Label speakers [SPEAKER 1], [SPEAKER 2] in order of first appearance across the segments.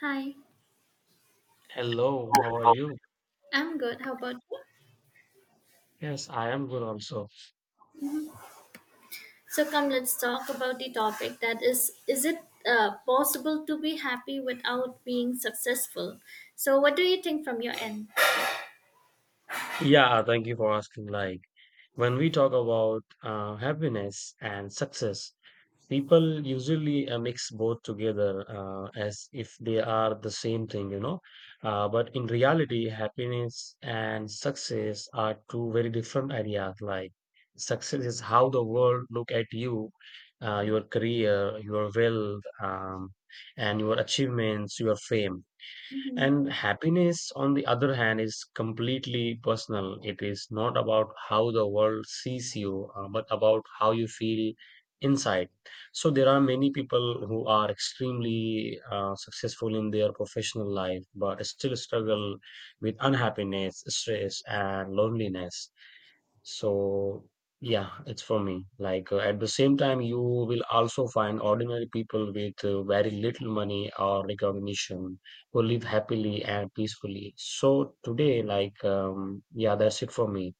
[SPEAKER 1] Hi,
[SPEAKER 2] Hello, how are you?
[SPEAKER 1] I'm good. How about you?
[SPEAKER 2] Yes, I am good also.
[SPEAKER 1] So come, let's talk about the topic that is it possible to be happy without being successful? So what do you think from your end?
[SPEAKER 2] Yeah, thank you for asking. Like, when we talk about happiness and success, people usually mix both together as if they are the same thing. But in reality, happiness and success are two very different ideas. Like, success is how the world look at you, your career, your wealth, and your achievements, your fame.
[SPEAKER 1] Mhm.
[SPEAKER 2] And happiness, on the other hand, is completely personal. It is not about how the world sees you, but about how you feel inside. So there are many people who are extremely successful in their professional life, but still struggle with unhappiness, stress, and loneliness. So yeah, it's for me. Like at the same time, you will also find ordinary people with very little money or recognition who live happily and peacefully. So today, like yeah, that's it for me.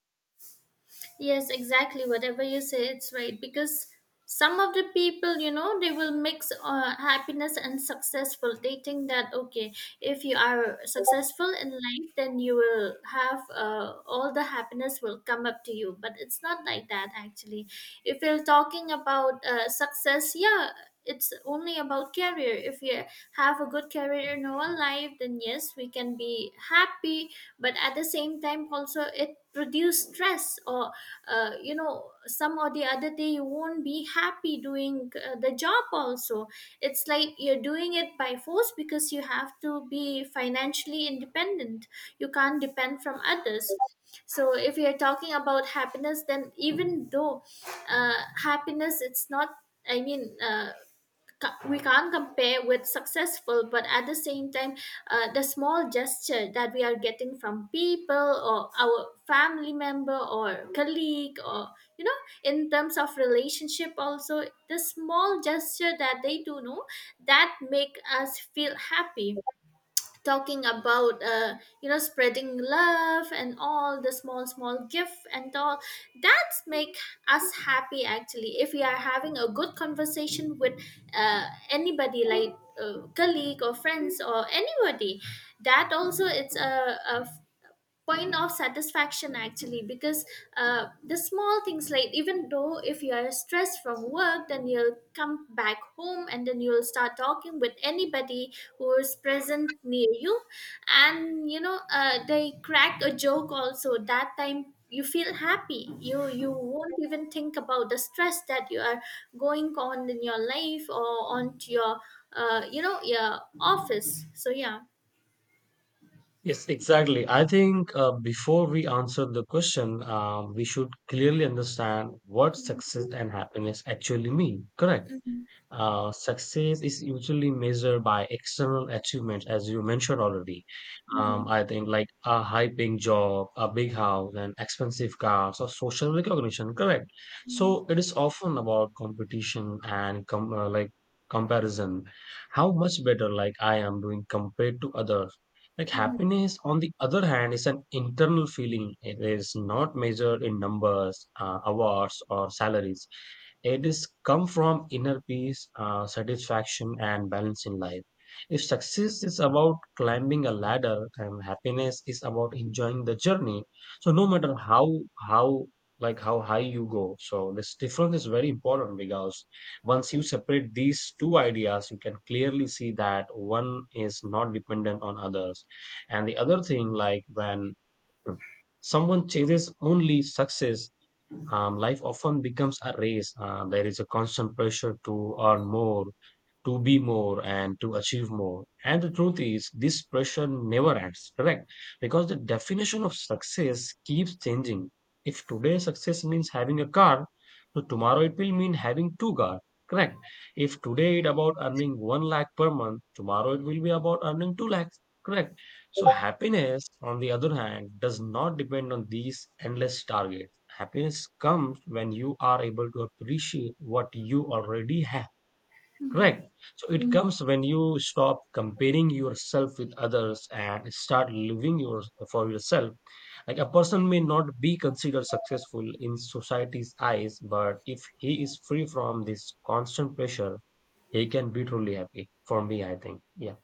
[SPEAKER 1] Yes, exactly. Whatever you say, it's right. Because some of the people, you know, they will mix happiness and successful. They think that, okay, if you are successful in life, then you will have all the happiness will come up to you. But it's not like that, actually. If you're talking about success, yeah. It's only about career. If you have a good career in our life, then yes, we can be happy. But at the same time, also, it produce stress or you know, some or the other day you won't be happy doing the job also. It's like you're doing it by force because you have to be financially independent. You can't depend from others. So if you're talking about happiness, then even though uh, happiness, it's not, I mean, we can't compare with successful. But at the same time, the small gesture that we are getting from people or our family member or colleague or, you know, in terms of relationship also, the small gesture that they do know, that make us feel happy. Talking about you know, spreading love and all the small small gift and all, that make us happy actually. If we are having a good conversation with anybody like colleague or friends or anybody, that also, it's a point of satisfaction actually. Because the small things, like even though if you are stressed from work, then you'll come back home and then you'll start talking with anybody who is present near you. And you know, they crack a joke also, that time you feel happy. You won't even think about the stress that you are going on in your life or on to your you know, your office. So yeah.
[SPEAKER 2] Yes, exactly. I think before we answer the question, we should clearly understand what success and happiness actually mean. Correct.
[SPEAKER 1] Mm-hmm.
[SPEAKER 2] Success is usually measured by external achievements, as you mentioned already.
[SPEAKER 1] Mhm.
[SPEAKER 2] I think like a high paying job, a big house, and expensive cars, or social recognition. Correct. So it is often about competition and com like comparison. How much better like I am doing compared to others. Like
[SPEAKER 1] Mhm.
[SPEAKER 2] happiness, on the other hand, is an internal feeling. It is not measured in numbers, awards, or salaries. It is come from inner peace, satisfaction, and balance in life. If success is about climbing a ladder and happiness is about enjoying the journey, so no matter how like how high you go, so this difference is very important because once you separate these two ideas, you can clearly see that one is not dependent on others, and the other thing like when someone chases only success life often becomes a race. There is a constant pressure to earn more, to be more and to achieve more. And the truth is, this pressure never ends, correct? Because the definition of success keeps changing. If today success means having a car, so tomorrow it will mean having two cars, correct? If today it about earning one lakh per month, tomorrow it will be about earning two lakhs, correct? So happiness, on the other hand, does not depend on these endless targets. Happiness comes when you are able to appreciate what you already have.
[SPEAKER 1] Mhm.
[SPEAKER 2] Correct. So it
[SPEAKER 1] Mm.
[SPEAKER 2] comes when you stop comparing yourself with others and start living your, for yourself. Like a person may not be considered successful in society's eyes, but if he is free from this constant pressure, he can be truly happy. For me, I think. Yeah.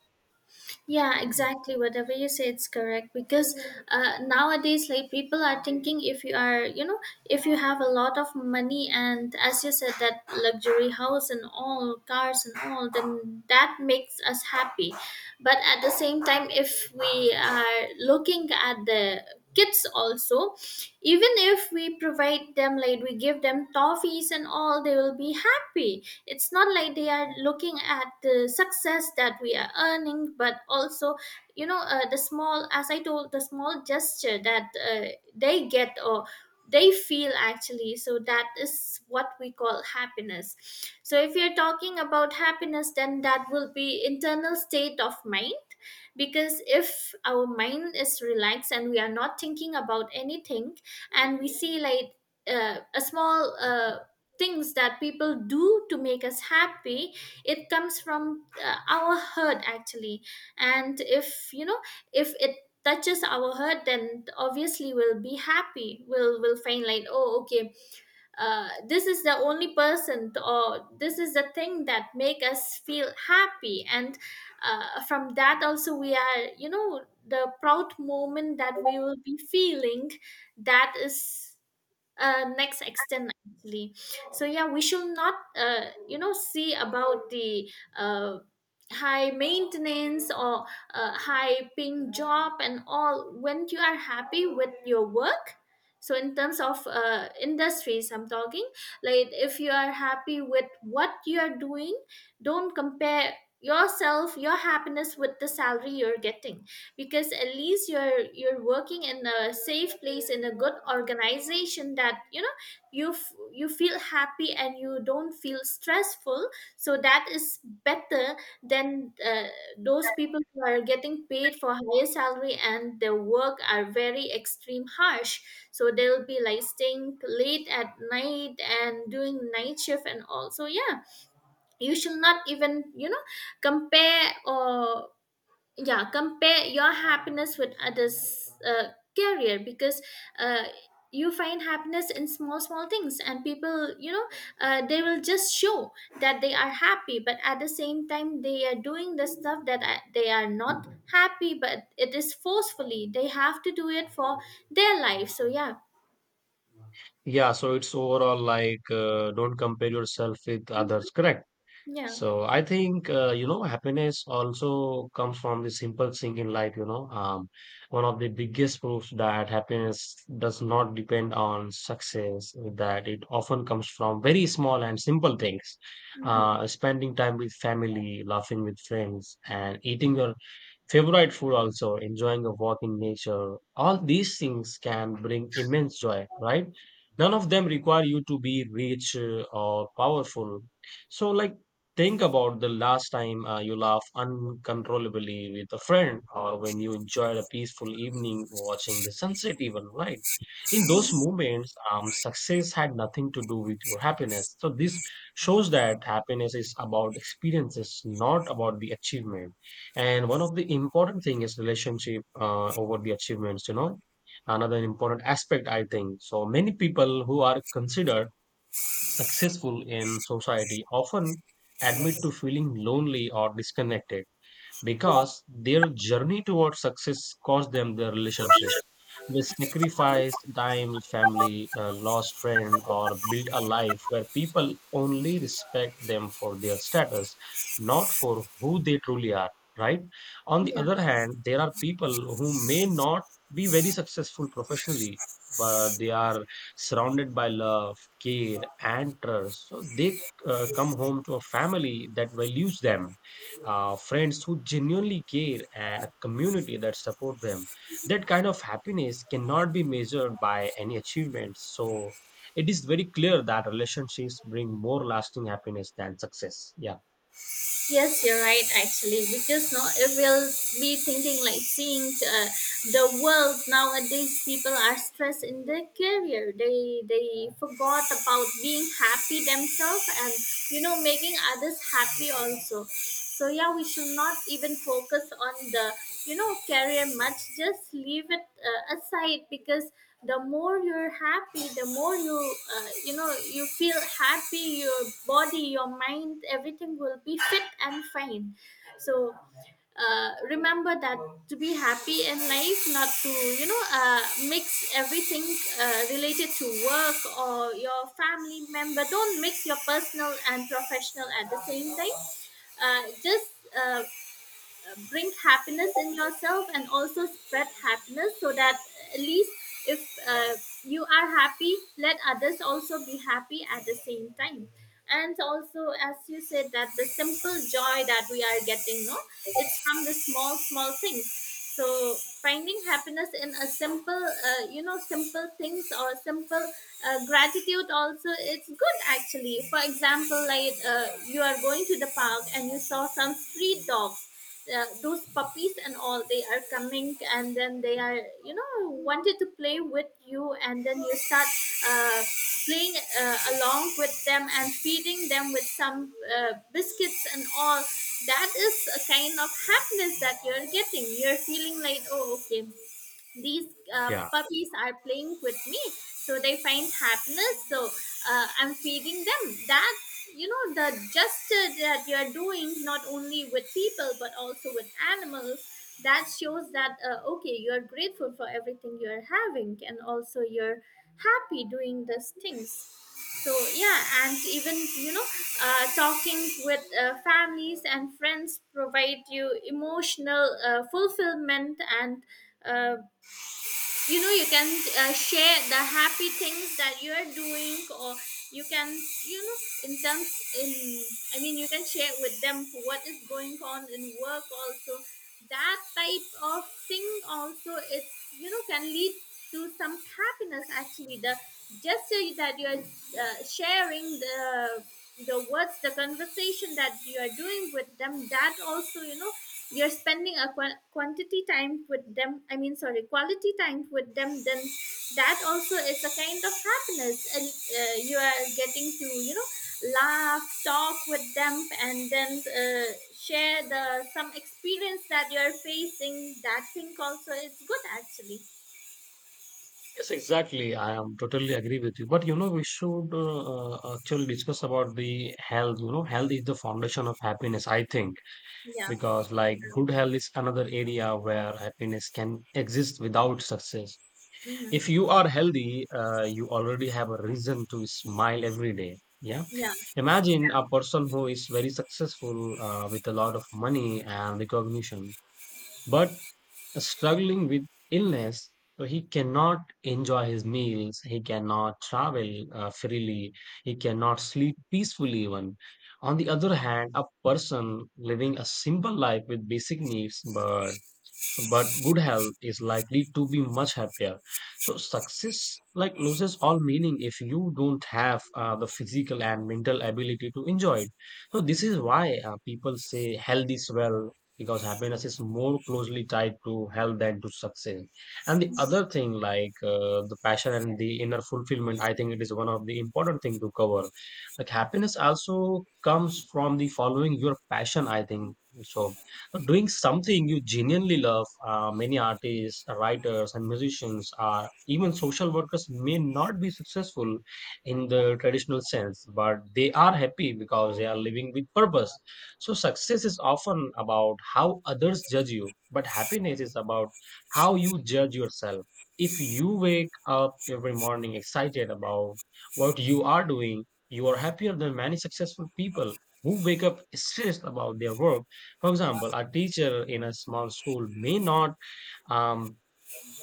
[SPEAKER 1] Yeah, exactly. Whatever you say, it's correct. Because nowadays, like people are thinking, if you are, you know, if you have a lot of money and, as you said, that luxury house and all cars and all, then that makes us happy. But at the same time, if we are looking at the kids also, even if we provide them, like we give them toffees and all, they will be happy. It's not like they are looking at the success that we are earning, but also, you know, the small, as I told, the small gesture that they get or they feel actually. So that is what we call happiness. So if you're talking about happiness, then that will be internal state of mind. Because if our mind is relaxed and we are not thinking about anything, and we see like a small things that people do to make us happy, it comes from our hurt actually. And if you know, if it touches our hurt, then obviously we'll be happy. We'll will find like, oh okay, this is the only person or this is the thing that make us feel happy. And from that also, we are, you know, the proud moment that we will be feeling, that is next extent actually. So yeah, we should not, you know, see about the uh, high maintenance or high paying job and all. When you are happy with your work, so in terms of industries I'm talking, like if you are happy with what you are doing, don't compare yourself, your happiness with the salary you're getting. Because at least you're working in a safe place, in a good organization, that you know, you feel happy and you don't feel stressful. So that is better than those people who are getting paid for higher salary and their work are very extreme harsh. So they'll be like staying late at night and doing night shift and all. So yeah, you should not even, you know, compare or, yeah, compare your happiness with others career. Because uh, you find happiness in small small things. And people, you know, they will just show that they are happy. But at the same time, they are doing the stuff that they are not happy, but it is forcefully they have to do it for their life. So yeah.
[SPEAKER 2] Yeah. So it's overall like don't compare yourself with others. Correct.
[SPEAKER 1] Yeah.
[SPEAKER 2] So I think happiness also comes from the simple thing in life. You know, one of the biggest proofs that happiness does not depend on success. That it often comes from very small and simple things.
[SPEAKER 1] Mhm.
[SPEAKER 2] Spending time with family, laughing with friends, and eating your favorite food, also enjoying a walk in nature. All these things can bring immense joy, right? None of them require you to be rich or powerful. So like think about the last time you laughed uncontrollably with a friend or when you enjoyed a peaceful evening watching the sunset even, right? In those moments, success had nothing to do with your happiness. So this shows that happiness is about experiences, not about the achievement. And one of the important thing is relationship over the achievements, you know. Another important aspect, I think. So many people who are considered successful in society often admit to feeling lonely or disconnected because their journey towards success cost them their relationships. They sacrificed time with family, lost friend, or built a life where people only respect them for their status, not for who they truly are. Right. On the
[SPEAKER 1] Yeah.
[SPEAKER 2] other hand, there are people who may not be very successful professionally, but they are surrounded by love, care, and trust. So they come home to a family that values them, friends who genuinely care, and a community that support them. That kind of happiness cannot be measured by any achievements. So it is very clear that relationships bring more lasting happiness than success. Yeah.
[SPEAKER 1] Yes, you're right, actually. Because no, it will be thinking, like seeing the world nowadays. People are stressed in their career. They forgot about being happy themselves and, you know, making others happy also. So yeah, we should not even focus on the, you know, career much. Just leave it aside. Because the more you're happy, the more you, you know, you feel happy. Your body, your mind, everything will be fit and fine. So remember that, to be happy in life, not to, you know, mix everything related to work or your family member. Don't mix your personal and professional at the same time. Just uh, bring happiness in yourself and also spread happiness. So that at least, if uh, you are happy, let others also be happy at the same time. And also, as you said that the simple joy that we are getting, no, it's from the small small things. So finding happiness in a simple, you know, simple things or simple gratitude also, it's good actually. For example, like you are going to the park and you saw some street dogs, those puppies and all, they are coming and then they are, you know, wanted to play with you. And then you start uh, playing along with them and feeding them with some biscuits and all. That is a kind of happiness that you're getting. You're feeling like, oh okay, these
[SPEAKER 2] Yeah.
[SPEAKER 1] puppies are playing with me, so they find happiness. So I'm feeding them. That, you know, the gesture that you're doing not only with people but also with animals, that shows that, okay, you're grateful for everything you're having and also you're happy doing these things. So yeah. And even, you know, talking with families and friends provide you emotional fulfillment. And uh, you know, you can share the happy things that you are doing. Or you can, you know, in terms in I mean you can share with them what is going on in work also. That type of thing also, it, you know, can lead to some happiness actually. The gesture that you are sharing, the words, the conversation that you are doing with them, that also, you know, you're spending a quantity time with them, I mean, sorry, quality time with them. Then that also is a kind of happiness. And you are getting to, you know, laugh, talk with them, and then share the some experience that you're facing. That thing also is good actually.
[SPEAKER 2] Yes, exactly. I am totally agree with you, but you know we should actually discuss about the health. You know, health is the foundation of happiness, I think.
[SPEAKER 1] Yeah.
[SPEAKER 2] Because like good health is another area where happiness can exist without success. If
[SPEAKER 1] Hmm.
[SPEAKER 2] you are healthy, you already have a reason to smile every day. Yeah.
[SPEAKER 1] Yeah.
[SPEAKER 2] Imagine a person who is very successful with a lot of money and recognition, but struggling with illness. So he cannot enjoy his meals. He cannot travel freely. He cannot sleep peacefully even. On the other hand, a person living a simple life with basic needs, but good health is likely to be much happier. So success like loses all meaning if you don't have the physical and mental ability to enjoy it. So this is why people say health is well, because happiness is more closely tied to health than to success. And the other thing like the passion and the inner fulfillment, I think it is one of the important thing to cover. Like happiness also comes from the following your passion, I think. So doing something you genuinely love, many artists, writers, and musicians, even social workers may not be successful in the traditional sense, but they are happy because they are living with purpose. So, success is often about how others judge you, but happiness is about how you judge yourself. If you wake up every morning excited about what you are doing, you are happier than many successful people who wake up stressed about their work. For example, a teacher in a small school may not um,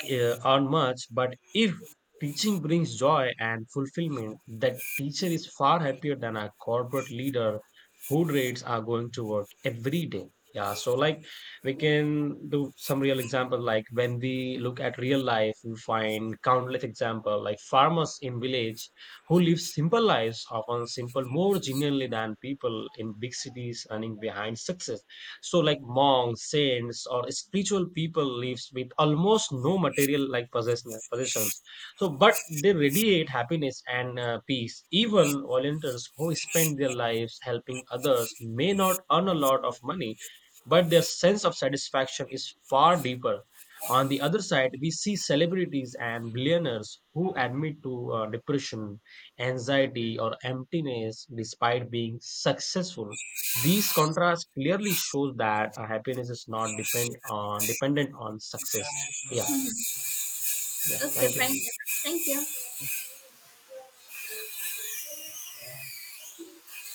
[SPEAKER 2] earn much, but if teaching brings joy and fulfillment, that teacher is far happier than a corporate leader whose rates are going to work every day. Yeah, so like we can do some real example. Like when we look at real life, we find countless example like farmers in village who live simple lives, often simple more genuinely than people in big cities running behind success. So like monks, saints, or spiritual people lives with almost no material like possessions. So but they radiate happiness and peace. Even volunteers who spend their lives helping others may not earn a lot of money, but their sense of satisfaction is far deeper. On the other side, we see celebrities and billionaires who admit to depression, anxiety, or emptiness despite being successful. These contrasts clearly show that happiness is not depend on dependent on success. Yeah, yeah.
[SPEAKER 1] Okay,
[SPEAKER 2] Thank
[SPEAKER 1] thank
[SPEAKER 2] you.
[SPEAKER 1] you. Thank you.